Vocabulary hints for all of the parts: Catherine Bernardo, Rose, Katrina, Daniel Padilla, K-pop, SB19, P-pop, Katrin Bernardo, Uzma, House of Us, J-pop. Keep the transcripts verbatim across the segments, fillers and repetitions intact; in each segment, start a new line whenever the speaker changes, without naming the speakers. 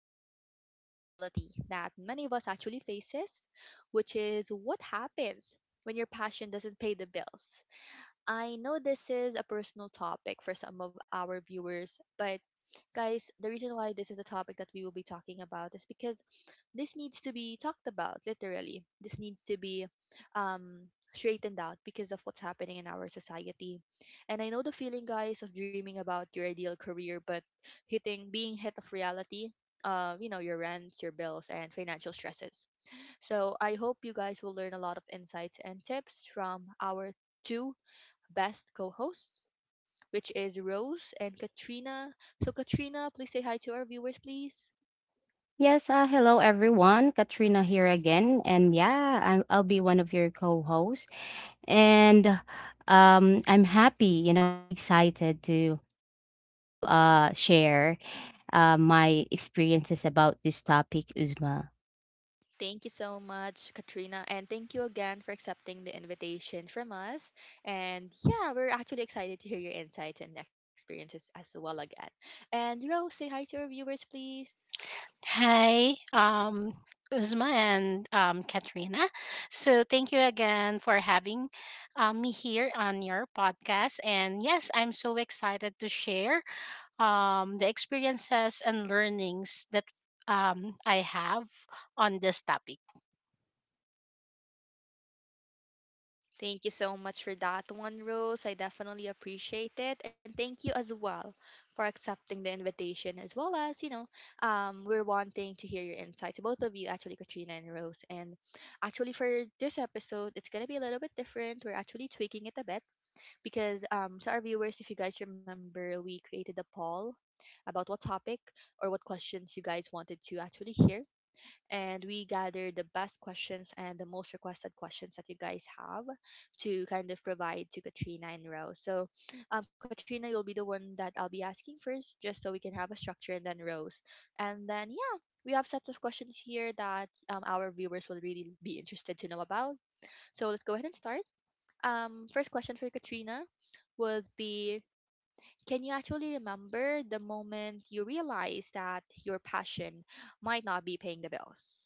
about a reality that many of us actually faces, which is what happens when your passion doesn't pay the bills. I know this is a personal topic for some of our viewers, but guys, the reason why this is a topic that we will be talking about is because this needs to be talked about, literally. This needs to be um, straightened out because of what's happening in our society. And I know the feeling, guys, of dreaming about your ideal career, but hitting, being hit of reality. Uh, you know, your rents, your bills, and financial stresses. So I hope you guys will learn a lot of insights and tips from our two best co-hosts, which is Rose and Katrina. So Katrina, please say hi to our viewers, please.
Yes, uh, hello everyone. Katrina here again. And yeah, I'm, I'll be one of your co-hosts. And um, I'm happy, you know, and excited to to uh, share uh, my experiences about this topic, Uzma.
Thank you so much, Katrina, and thank you again for accepting the invitation from us. And yeah, we're actually excited to hear your insights and experiences as well again. And Rose, say hi to our viewers, please.
Hi, um, Uzma and um, Katrina. So, thank you again for having um, me here on your podcast. And yes, I'm so excited to share um, the experiences and learnings that um, I have on this topic.
Thank you so much for that one, Rose. I definitely appreciate it. And thank you as well for accepting the invitation, as well as, you know, um, we're wanting to hear your insights, both of you, actually, Katrina and Rose. And actually, for this episode, it's going to be a little bit different. We're actually tweaking it a bit because, um, to our viewers, if you guys remember, we created a poll about what topic or what questions you guys wanted to actually hear, and we gathered the best questions and the most requested questions that you guys have, to kind of provide to Katrina and Rose. So, um, Katrina, you'll be the one that I'll be asking first, just so we can have a structure, and then Rose. And then, yeah, we have sets of questions here that um, our viewers will really be interested to know about. So, let's go ahead and start. Um, first question for Katrina would be: can you actually remember the moment you realized that your passion might not be paying the bills?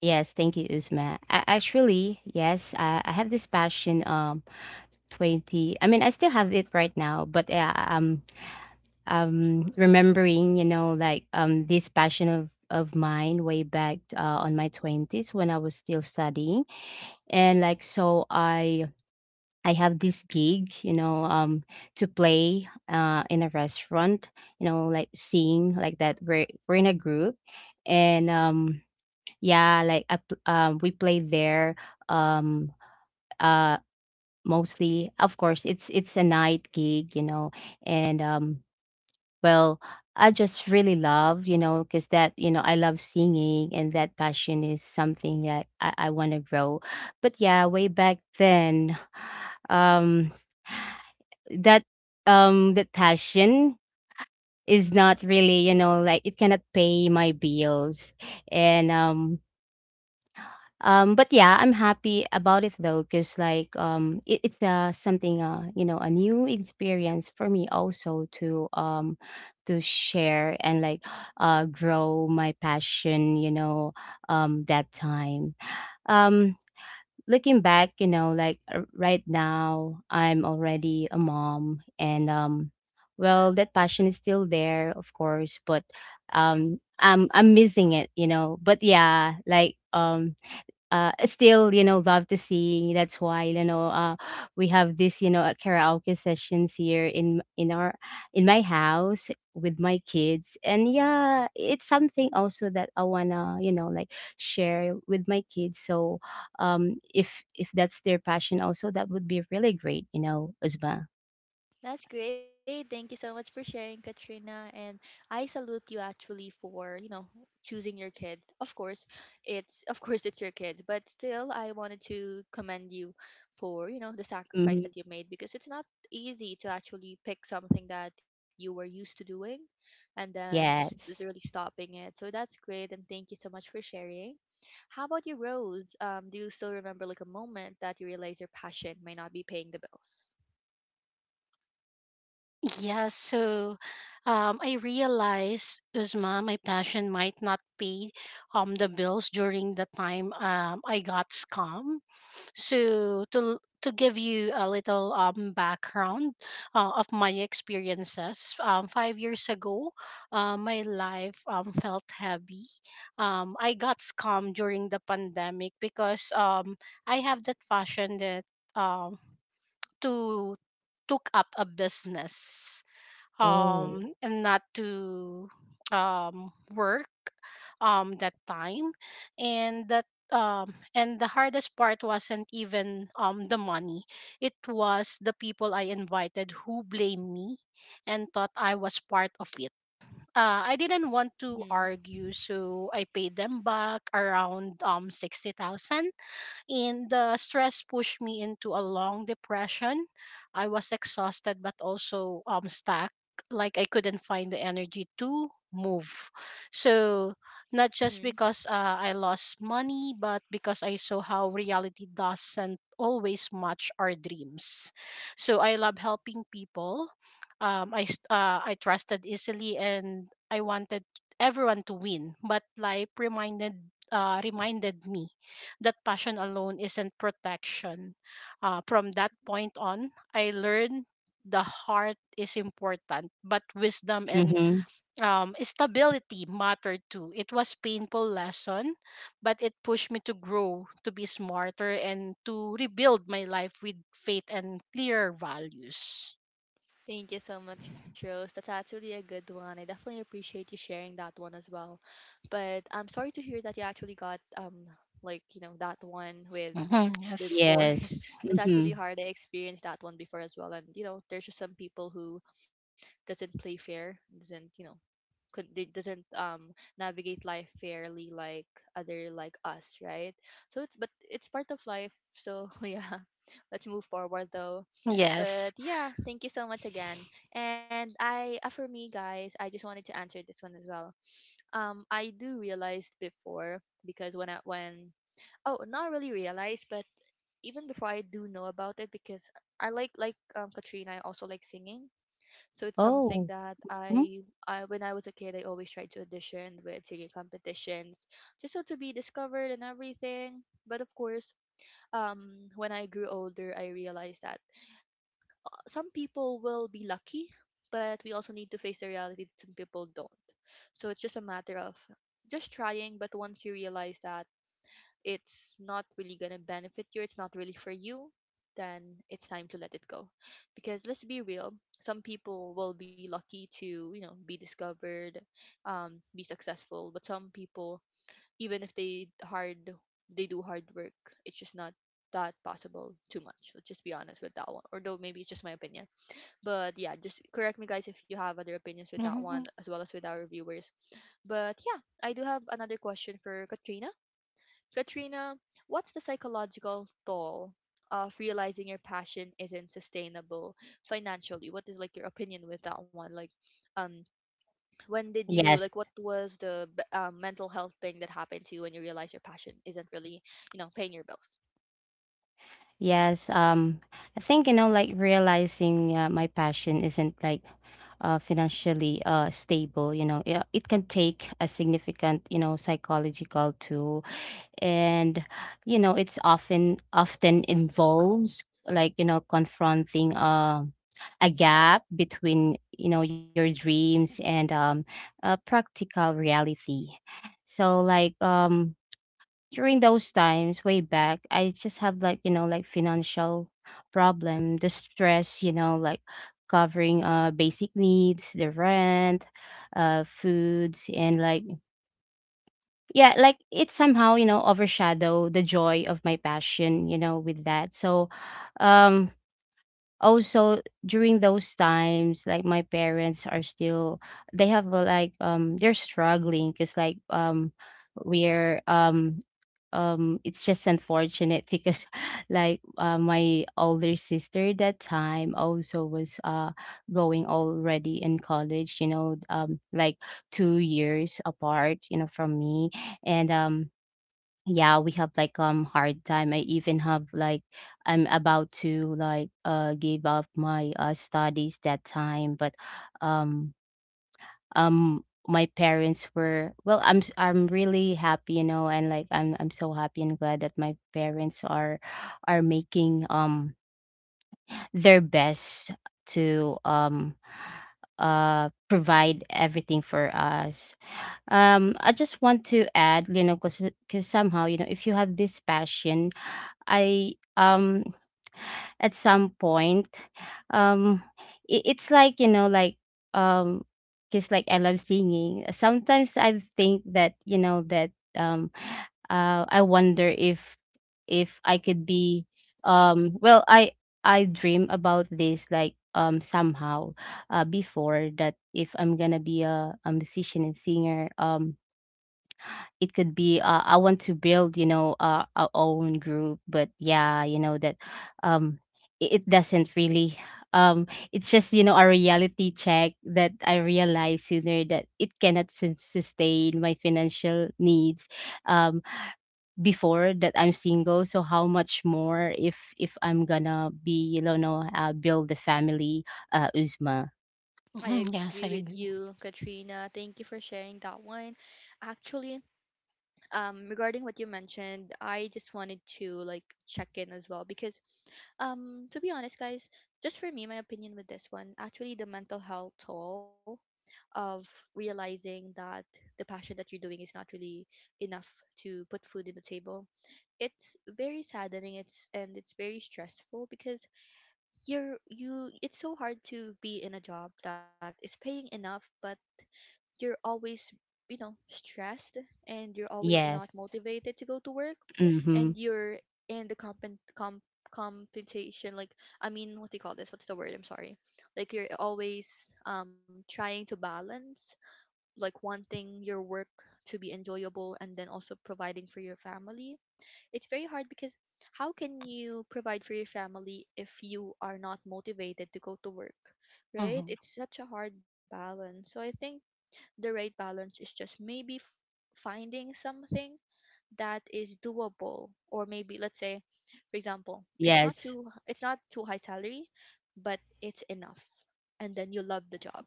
Yes, thank you, Uzma. I, actually, yes, I, I have this passion um twenty. I mean, I still have it right now, but yeah, um um remembering, you know, like um this passion of of mine way back uh, on my twenties when I was still studying. And like so i i have this gig, you know, um to play uh in a restaurant, you know, like sing, like that we're we're in a group. And um yeah, like I, pl- um we play there, um uh mostly, of course. It's it's a night gig, you know. and um well, I just really love, you know, because that, you know, I love singing, and that passion is something that I, I want to grow. But yeah, way back then, um, that, um that passion is not really, you know, like it cannot pay my bills. And um um, but yeah, I'm happy about it though, because like, um, it, it's uh something, uh you know, a new experience for me also, to um to share, and like uh grow my passion, you know, um that time. um Looking back, you know, like uh, right now I'm already a mom. And um well, that passion is still there, of course, but um I'm I'm missing it, you know. But yeah, like um uh, still, you know, love to sing. That's why, you know, uh, we have this, you know, uh, karaoke sessions here in in our, in my house, with my kids. And yeah, it's something also that I wanna, you know, like share with my kids. So, um, if if that's their passion also, that would be really great, you know, Uzma.
That's great. Thank you so much for sharing, Katrina. And I salute you actually for, you know, choosing your kids. Of course, it's of course it's your kids, but still I wanted to commend you for, you know, the sacrifice
Hmm.
that you made, because it's not easy to actually pick something that you were used to doing and then just literally
Yes.
stopping it. So that's great, and thank you so much for sharing. How about you, Rose? Um, do you still remember like a moment that you realize your passion might not be paying the bills?
Yeah, so um, I realized, Uzma, my passion might not pay um, the bills during the time um, I got scammed. So to to give you a little um, background uh, of my experiences, um, five years ago, uh, my life um, felt heavy. Um, I got scammed during the pandemic because um, I have that fashion that um, to took up a business
Oh.
um and not to um work um that time and that um and the hardest part wasn't even um the money. It was the people I invited who blamed me and thought I was part of it. uh, I didn't want to
Hmm.
argue, so I paid them back around um sixty thousand. And the stress pushed me into a long depression. I was exhausted, but also um, stuck. Like I couldn't find the energy to move. So, not just
Hmm.
because uh, I lost money, but because I saw how reality doesn't always match our dreams. So, I love helping people. Um, I, s- uh, I trusted easily and I wanted everyone to win, but life reminded uh, reminded me that passion alone isn't protection. Uh, from that point on, I learned the heart is important, but wisdom and
Mm-hmm.
um, stability matter too. It was painful lesson, but it pushed me to grow, to be smarter, and to rebuild my life with faith and clear values.
Thank you so much, Rose. That's actually a good one. I definitely appreciate you sharing that one as well. But I'm sorry to hear that you actually got um like you know that one with
Mhm. Yes.
before.
Yes.
That's actually
Mm-hmm.
hard. I experienced that one before as well. And you know, there's just some people who doesn't play fair, doesn't you know, could they, doesn't um navigate life fairly like other, like us, right? So it's, but it's part of life, so yeah, let's move forward though. But
Yes.
yeah, thank you so much again. And I uh, for me guys, I just wanted to answer this one as well. Um i do realize before, because when I when oh, not really realize, but even before I do know about it, because i like like um Katrina, I also like singing, so it's something
Oh.
that
Mhm.
I, I when I was a kid, I always tried to audition with singing competitions, just so to be discovered and everything. But of course, um, when I grew older, I realized that some people will be lucky, but we also need to face the reality that some people don't. So it's just a matter of just trying. But once you realize that it's not really going to benefit you, it's not really for you, then it's time to let it go. Because let's be real, some people will be lucky to, you know, be discovered, um, be successful, but some people, even if they hard they do hard work, it's just not that possible too much. Let's just be honest with that one. Although maybe it's just my opinion. But yeah, just correct me guys if you have other opinions with that one,
Mhm.
as well as with our viewers. But yeah, I do have another question for Katrina. Katrina, what's the psychological toll of realizing your passion isn't sustainable financially? What is like your opinion with that one? Like, um, when did you like?
Yes.
What was the b- um, mental health thing that happened to you when you realized your passion isn't really, you know, paying your bills?
Yes, um, I think, you know, like realizing uh, my passion isn't like uh, financially uh, stable, you know, it, it can take a significant, you know, psychological toll. And, you know, it's often, often involves, like, you know, confronting uh, a gap between, you know, your dreams and, um, uh, practical reality. So like, um, during those times way back, I just have, like, you know, like financial problem, the stress, you know, like covering uh basic needs, the rent, uh foods and like, yeah, like it somehow, you know, overshadow the joy of my passion, you know, with that. So um also during those times, like my parents are still, they have uh, like um they're struggling, because like um we're um um it's just unfortunate, because like uh, my older sister that time also was uh going already in college, you know. Um like two years apart, you know, from me. And um yeah, we have like um hard time. I even have like, I'm about to, like, uh give up my uh studies that time, but um um my parents were, well, i'm s- I'm really happy, you know, and like i'm i'm so happy and glad that my parents are are making um their best to um uh provide everything for us. um I just want to add, you know, because somehow, you know, if you have this passion, I um at some point, um i- it's like, you know, like, um because like, I love singing, sometimes I think that, you know, that um uh I wonder if if I could be, um well, i I dream about this, like, um somehow, uh before that, if I'm gonna be a, a musician and singer. Um it could be, uh, I want to build, you know, uh, our own group. But yeah, you know, that um it, it doesn't really, um it's just, you know, a reality check that I realize sooner, that it cannot sus- sustain my financial needs. um Before that, I'm single, so how much more if if I'm gonna be, you know, uh, build the family, uh Uzma.
I
Mhm.
agree
Yes, I
with
agree.
you, Katrina. Thank you for sharing that one. Actually, um regarding what you mentioned, I just wanted to like check in as well, because um to be honest guys, just for me, my opinion with this one, actually the mental health toll of realizing that the passion that you're doing is not really enough to put food in the table, it's very saddening, it's, and it's very stressful, because you're you it's so hard to be in a job that is paying enough, but you're always, you know, stressed, and you're always not
Yes.
motivated to go to work.
Mm-hmm.
And you're in the compen com compensation, like, I mean, what do you call this? What's the word? I'm sorry. Like, you're always um trying to balance, like wanting your work to be enjoyable and then also providing for your family. It's very hard, because how can you provide for your family if you are not motivated to go to work? Right,
Mhm.
it's such a hard balance. So I think the right balance is just maybe f- finding something that is doable, or maybe let's say, for example, it's not
Yes.
too it's not too high salary, but it's enough, and then you love the job.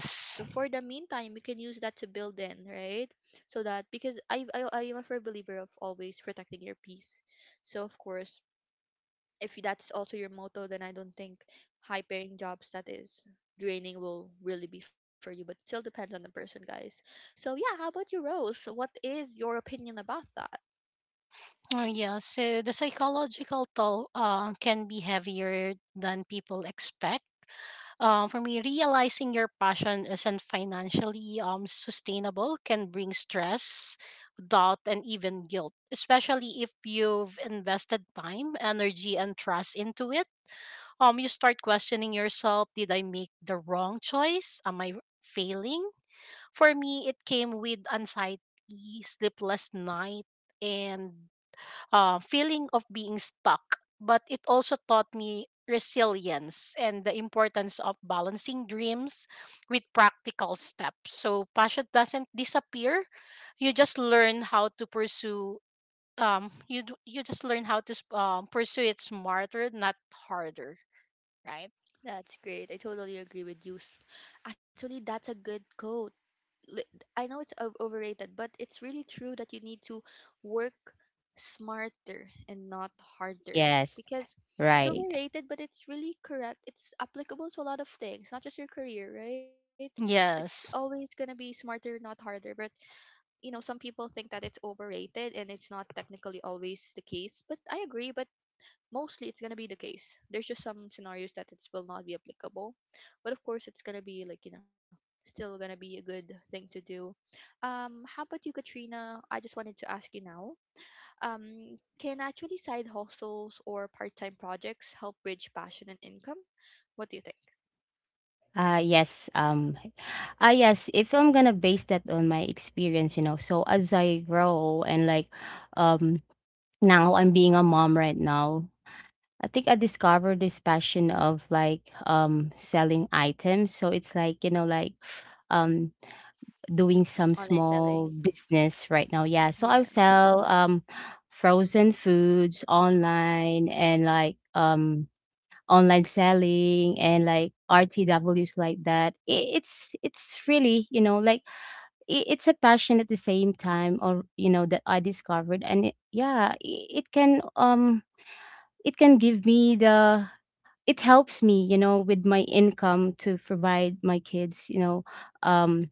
So for the meantime you can use that to build in, right? So that, because i i i am a firm believer of always protecting your peace. So of course, if that's also your motto, then I don't think high paying jobs that is draining will really be for you, but still depends on the person, guys. So, yeah, how about you, Rose? So, what is your opinion about that?
Oh, yeah, so the psychological toll uh, can be heavier than people expect. Uh, for me, realizing your passion isn't financially um, sustainable can bring stress, doubt, and even guilt, especially if you've invested time, energy, and trust into it. Um, you start questioning yourself. Did I make the wrong choice? Am I failing? For me, it came with anxiety, sleepless night. And uh, feeling of being stuck, but it also taught me resilience and the importance of balancing dreams with practical steps. So passion doesn't disappear; you just learn how to pursue. Um, you d- you just learn how to s- um, pursue it smarter, not harder, right?
That's great. I totally agree with you. S- Actually, that's a good quote. li- I know it's o- overrated, but it's really true that you need to work smarter and not harder,
Yes.
because it's
Right.
overrated, but it's really correct. It's applicable to a lot of things, not just your career, right? It's always
Yes.
going to be smarter, not harder. But, you know, some people think that it's overrated and it's not technically always the case. But I agree, but mostly it's going to be the case. There's just some scenarios that it will not be applicable, but of course it's going to be like you know, still going to be a good thing to do. Um, how about you, Katrina? I just wanted to ask you now. Um, can actually side hustles or part-time projects help bridge passion and income? What do you think?
Uh, yes. Um, ah, yes. If I'm gonna base that on my experience, you know, so as I grow and like, um, now I'm being a mom right now. I think I discovered this passion of, like, um, selling items. So it's like, you know, like, um, doing
Online
some
selling?
small business right now. Yeah.
Yeah.
So I'll sell, um, frozen foods online and like, um, online selling and like R T Ws like that. I It's it's really, you know, like, I it's a passion at the same time, or you know, that I discovered. And it, yeah, I it can, um it can give me the, it helps me, you know, with my income to provide my kids, you know, um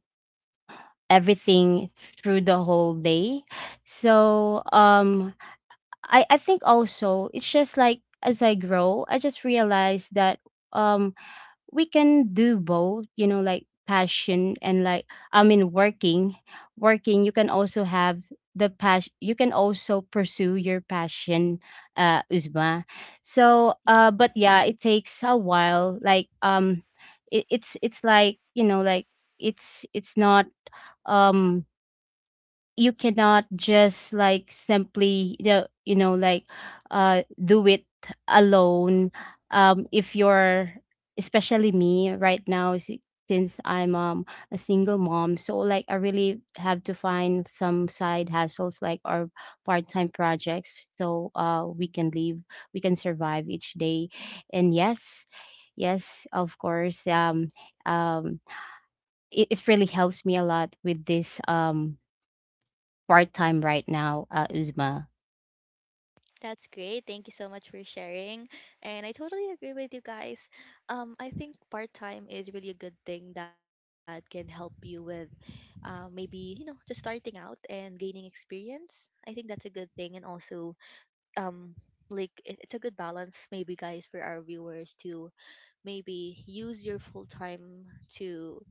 everything, through the whole day. So um i i think also it's just like, as I grow, I just realized that um we can do both, you know, like passion and like, I mean working. Working, you can also have the passion, you can also pursue your passion, uh Uzma. So uh
Hmm.
but yeah, it takes a while, like um it, it's it's like, you know, like, it's it's not, um you cannot just like simply, you know, you know, like uh do it alone. Um if you're, especially me right now, s- since I'm um a single mom, so like I really have to find some side hustles, like, or part-time projects, so uh we can live, we can survive each day. And yes, yes, of course. um um it, it really helps me a lot with this, um part-time right now, uh, Uzma.
That's great. Thank you so much for sharing. And I totally agree with you guys. Um, I think part time is really a good thing that can help you with uh, maybe, you know, just starting out and gaining experience. I think that's a good thing. And also, um, like, it, it's a good balance, maybe, guys, for our viewers to maybe use your full time to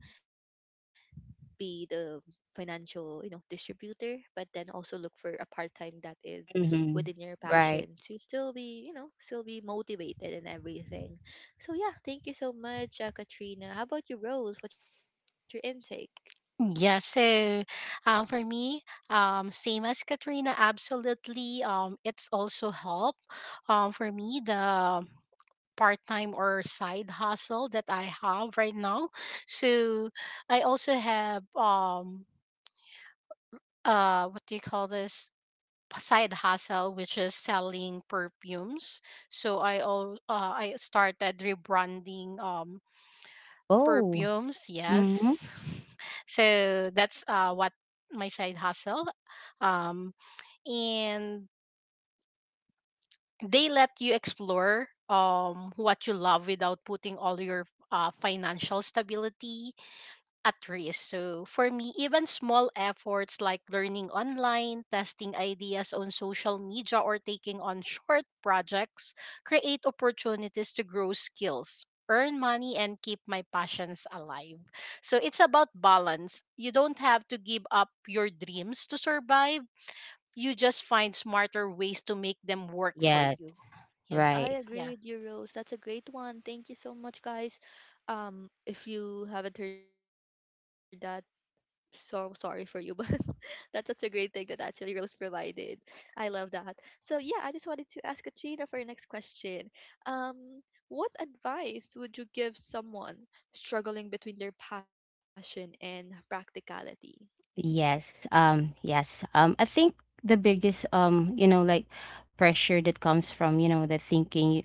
be the financial, you know, distributor, but then also look for a part time that is within
Mhm.
your passion
Right.
to still be, you know, still be motivated and everything. So yeah, thank you so much, uh, Katrina. How about you, Rose? What's your intake?
Yeah, so um, for me, um, same as Katrina, absolutely. Um, it's also help um, for me. The part-time or side hustle that I have right now. So I also have um uh what do you call this? P- side hustle which is selling perfumes. So I all uh, I started rebranding um
Oh,
perfumes. Yes.
mhm.
So that's uh what my side hustle um and they let you explore um what you love without putting all your uh, financial stability at risk. So for me, even small efforts like learning online, testing ideas on social media, or taking on short projects create opportunities to grow skills, earn money, and keep my passions alive. So it's about balance. You don't have to give up your dreams to survive. You just find smarter ways to make them work for
Yes.
you.
I
Yes.
agree
Right.
with
Yeah.
you, Rose. That's a great one. Thank you so much, guys. Um, if you haven't heard that, so sorry for you, but that's such a great thing that actually Rose provided. I love that. So yeah, I just wanted to ask Katrina for your next question. Um, what advice would you give someone struggling between their passion and practicality?
Yes, um, yes. Um, I think the biggest, um, you know, like pressure that comes from, you know, the thinking,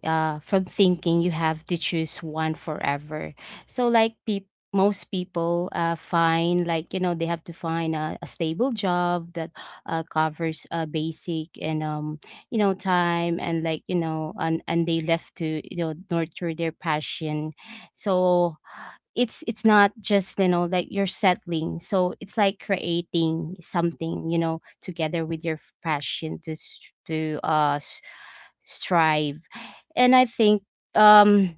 uh, from thinking you have to choose one forever. So, like peop most people uh, find, like, you know, they have to find a, a stable job that uh, covers uh, basic and, um, you know, time, and like, you know, and, and they left to, you know, nurture their passion. So it's it's not just, you know, like you're settling, so it's like creating something, you know, together with your passion to s- to uh s- strive. And I think um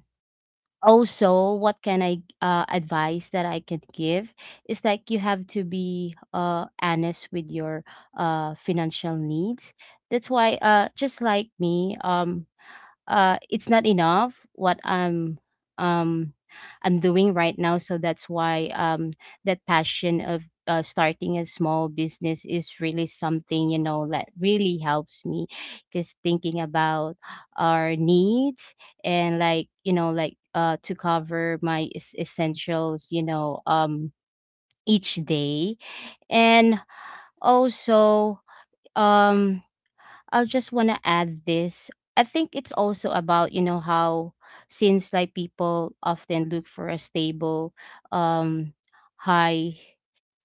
also, what can I uh advice that I can give is, like, you have to be uh honest with your uh financial needs. That's why, uh just like me, um uh it's not enough what i'm um i'm doing right now. So that's why um that passion of, uh, starting a small business, is really something, you know, that really helps me, because thinking about our needs, and, like, you know, like, uh to cover my es- essentials, you know, um each day. And also, um I just want to add this. I think it's also about, you know, how, since like people often look for a stable, um, high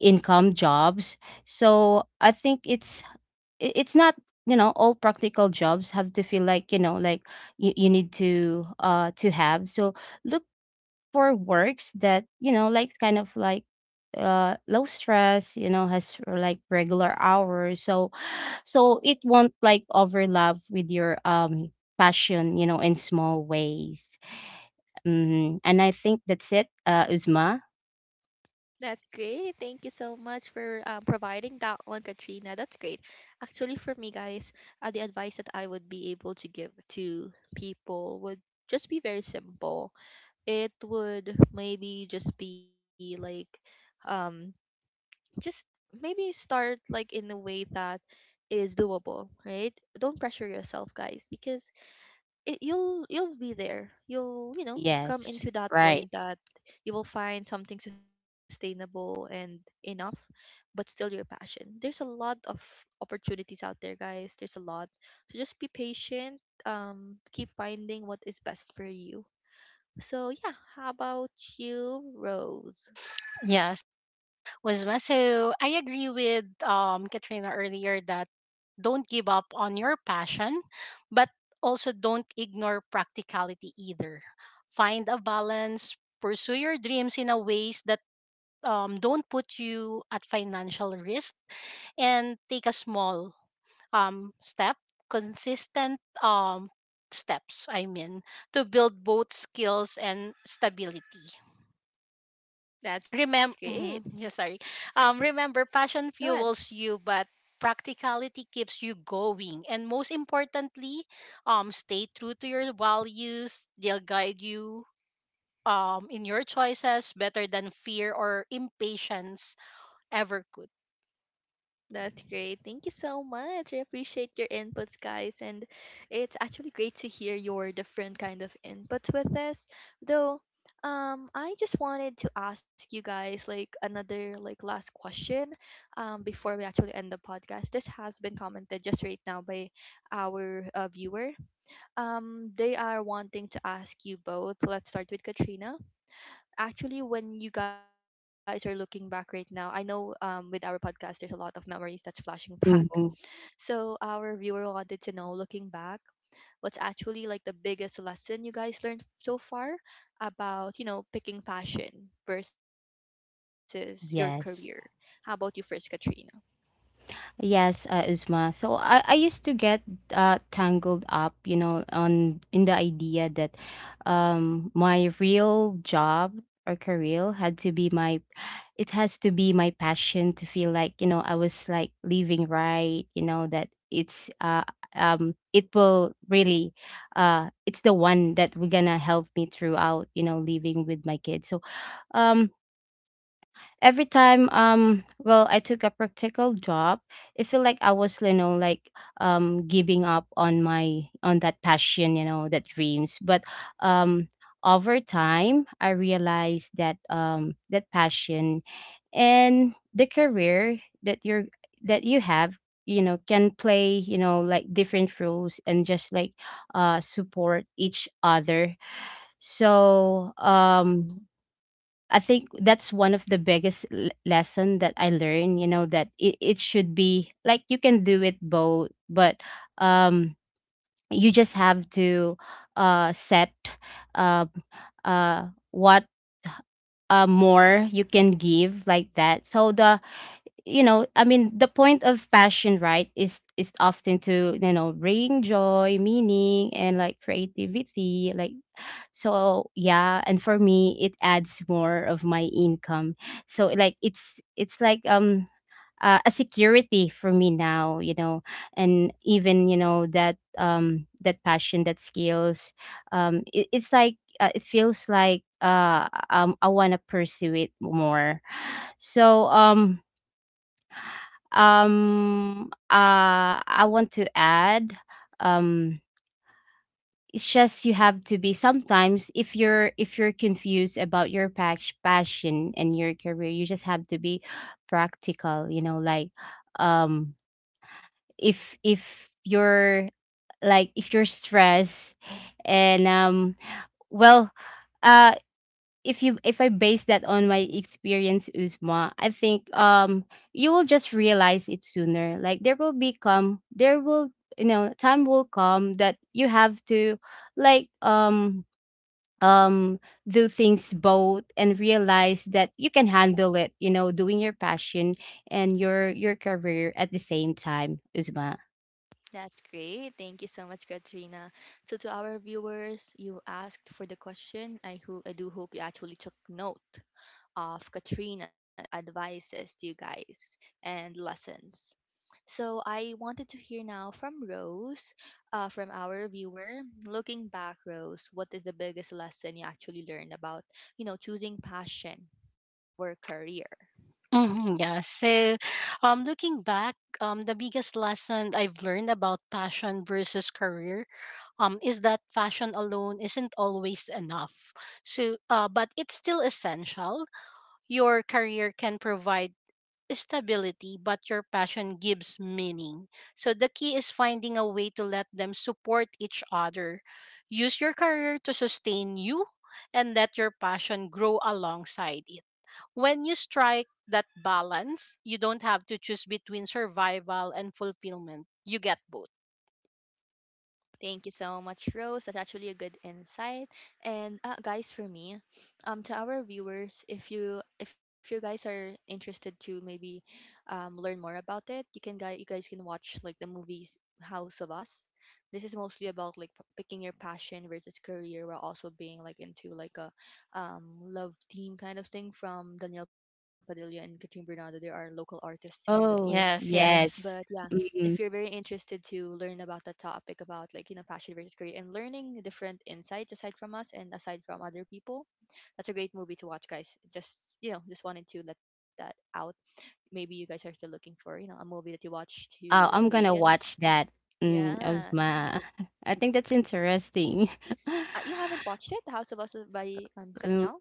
income jobs. So I think it's, i- it's not, you know, all practical jobs have to feel, like, you know, like you, you need to uh to have. So look for works that, you know, like kind of like uh low stress, you know, has like regular hours, so, so it won't like overlap with your um passion, you know, in small ways. Hmm. And I think that's it, uh Uzma.
That's great. Thank you so much for um, providing that one, Katrina. That's great. Actually, for me, guys, uh, the advice that I would be able to give to people would just be very simple. It would maybe just be like um just maybe start like in a way that is doable, right? Don't pressure yourself, guys, because it, you'll you'll be there, you'll you know come
Yes.
into that
Right.
point that you will find something sustainable and enough, but still your passion, there's a lot of opportunities out there, guys, there's a lot. So just be patient. Um keep finding what is best for you. So yeah, how about you, Rose?
Yes. Was so I agree with um Katrina earlier that don't give up on your passion, but also don't ignore practicality either. Find a balance, pursue your dreams in a ways that um, don't put you at financial risk, and take a small um, step, consistent um, steps, I mean, to build both skills and stability.
That's
Remember,
great.
yeah, sorry, um remember,
Go
passion
ahead.
fuels you, but practicality keeps you going, and most importantly, um stay true to your values. They'll guide you um in your choices better than fear or impatience ever could.
That's great. Thank you so much. I appreciate your inputs, guys. And it's actually great to hear your different kind of inputs with this. Though, um, I just wanted to ask you guys like another like last question, um, before we actually end the podcast. This has been commented just right now by our uh, viewer. Um, they are wanting to ask you both. Let's start with Katrina actually when you guys are looking back right now. I know, um, with our podcast there's a lot of memories that's flashing back.
Hmm.
So our viewer wanted to know, looking back, what's actually like the biggest lesson you guys learned so far about, you know, picking passion versus your career. How about you
Yes.
first, Katrina?
Yes, uh, Uzma. So i i used to get uh tangled up, you know, on, in the idea that um my real job or career had to be my, it has to be my passion, to feel like, you know, I was like living, right? You know, that it's uh um it will really, uh it's the one that we're gonna help me throughout, you know, living with my kids. So um every time, um well, I took a practical job, it felt like I was, you know, like um giving up on my, on that passion, you know, that dreams. But um over time I realized that um that passion and the career that you're, that you have, you know, can play, you know, like different roles, and just like uh support each other. So um I think that's one of the biggest l- lesson that I learned, you know, that it, it should be like, you can do it both. But um you just have to uh set uh uh what uh more you can give, like that. So the, you know, I mean, the point of passion, right, is is often to, you know, bring joy, meaning, and like creativity, like. So yeah, and for me, it adds more of my income. So like it's it's like, um uh, a security for me now, you know. And even, you know, that um that passion, that skills, um it, it's like, uh, it feels like uh um I want to pursue it more. So um um uh I want to add, um it's just, you have to be, sometimes if you're, if you're confused about your pas- passion and your career, you just have to be practical, you know, like, um if if you're, like if you're stressed, and um well, uh if you, if I base that on my experience, Uzma, I think um you will just realize it sooner. Like there will be come, there will, you know, time will come that you have to, like um um do things both and realize that you can handle it, you know, doing your passion and your your career at the same time, Uzma.
That's great. Thank you so much, Katrina. So to our viewers, you asked for the question. i, ho- I do hope you actually took note of Katrina's advices to you guys and lessons. So I wanted to hear now from Rose, uh, from our viewer. Looking back, Rose, what is the biggest lesson you actually learned about, you know, choosing passion over career?
Hmm. Yeah. So, um, looking back, um, the biggest lesson I've learned about passion versus career, um, is that passion alone isn't always enough. So, uh, but it's still essential. Your career can provide stability, but your passion gives meaning. So the key is finding a way to let them support each other. Use your career to sustain you and let your passion grow alongside it. When you strike that balance, you don't have to choose between survival and fulfillment. You get both.
Thank you so much, Rose. That's actually a good insight. And uh, guys, for me, um, to our viewers, if you if you guys are interested to maybe um, learn more about it, you can guy you guys can watch like the movies House of Us. This is mostly about like p- picking your passion versus career, while also being like into like a um, love team kind of thing from Daniel Padilla and Katrin Bernardo. They are local artists here in the Philippines.
Oh.
Yes,
But
yes.
yeah,
Yes.
if you're
Mm.
very interested to learn about the topic about, like, you know, passion versus career and learning different insights aside from us and aside from other people, that's a great movie to watch, guys. Just, you know, just wanted to let that out. Maybe you guys are still looking for, you know, a movie that you watch to
Oh,
in the
I'm gonna
weekends.
watch that. Mm,
Yeah.
Uzma, I think that's interesting.
Uh, you haven't watched it, The House of Us by um
Um,
Katnyal?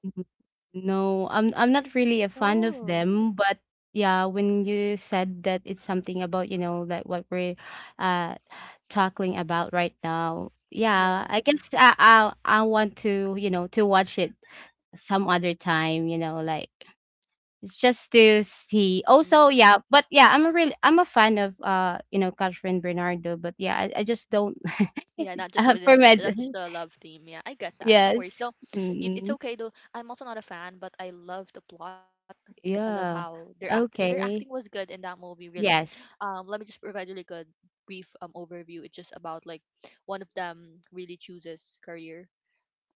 no, i'm i'm not really a
Oh
fan of them, but yeah, when you said that it's something about, you know, like what we're uh talking about right now.
yeah.
Yeah, I guess I I, I want to, you know, to watch it some other time. You know, like, it's just to see.
Mm.
Also, yeah, but yeah, I'm a really I'm a fan of, uh you know, Catherine Bernardo. But yeah, I, I just don't.
Yeah, not just
Uh,
within
for
lo- not
med.
just the love theme. Yeah, I get that. No worries.
Yes.
Though, it, it's
Mm.
okay though. I'm also not a fan, but I love the plot. I love how
Yeah.
their act their acting was
Okay.
good in that movie. Really,
Yes.
um, let me just provide really good brief um overview. It's just about like one of them really chooses career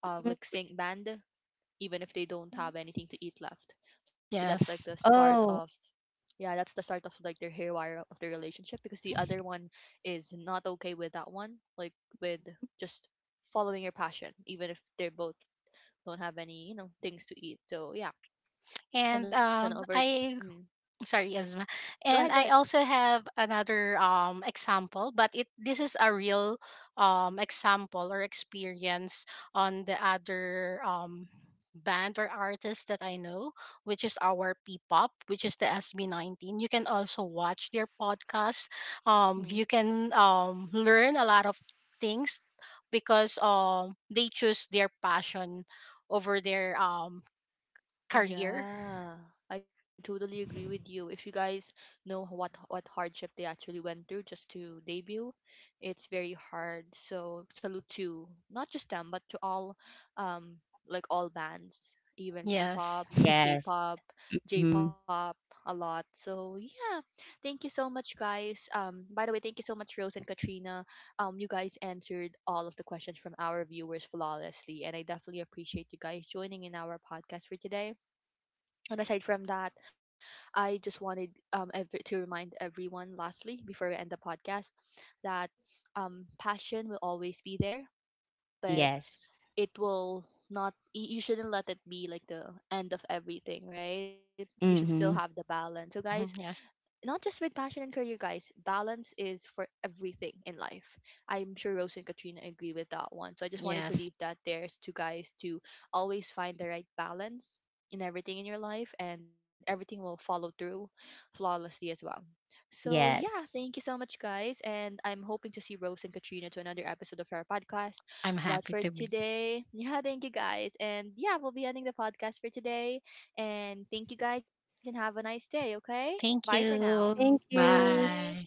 of like
Mm.
sing band, even if they don't have anything to eat left. So that's like the
Yes.
start of.
Oh,
Yeah, that's the start of like their haywire of their relationship because the other one is not okay with that one, like with just following your passion, even if they both don't have any, you know, things to eat. So yeah, and
And
then over. To,
um,
mm,
I sorry asthma
go ahead, go ahead.
and I also have another um example, but it this is a real um example or experience on the other um band or artist that I know, which is our P-pop, which is the S B nineteen. You can also watch their podcast. Um
Hmm.
you can um learn a lot of things because um they choose their passion over their um career.
Yeah, I totally agree with you. If you guys know h- what what hardship they actually went through just to debut, it's very hard. So salute to not just them, but to all, um, like all bands, even
Yes.
P-pop,
yes.
K-pop,
Mm.
J-pop, a lot. So yeah, thank you so much, guys. Um, by the way, thank you so much, Rose and Katrina. Um, you guys answered all of the questions from our viewers flawlessly, and I definitely appreciate you guys joining in our podcast for today. And aside from that, I just wanted um every, to remind everyone, lastly, before we end the podcast, that um passion will always be there, but
Yes.
it will not. y- You shouldn't let it be like the end of everything, right? You should still have the
Mm-hmm.
balance. So, guys,
Hmm.
not just with passion and career, guys. Balance is for everything in life. I'm sure Rose and Katrina agree with that one. So I just wanted to
Yes,
leave that there s- to guys to always find the right balance in everything in your life, and everything will follow through flawlessly as well. So yeah, thank
Yes.
you so much, guys, and I'm hoping to see Rose and Katrina to another episode of our podcast.
I'm
But
happy
for
to be.
today, yeah, thank you guys, and yeah, we'll be ending the podcast for today. And thank you guys, and have a nice day. Okay. Bye for
Thank
now.
Thank
you.
you.
Bye.
Bye.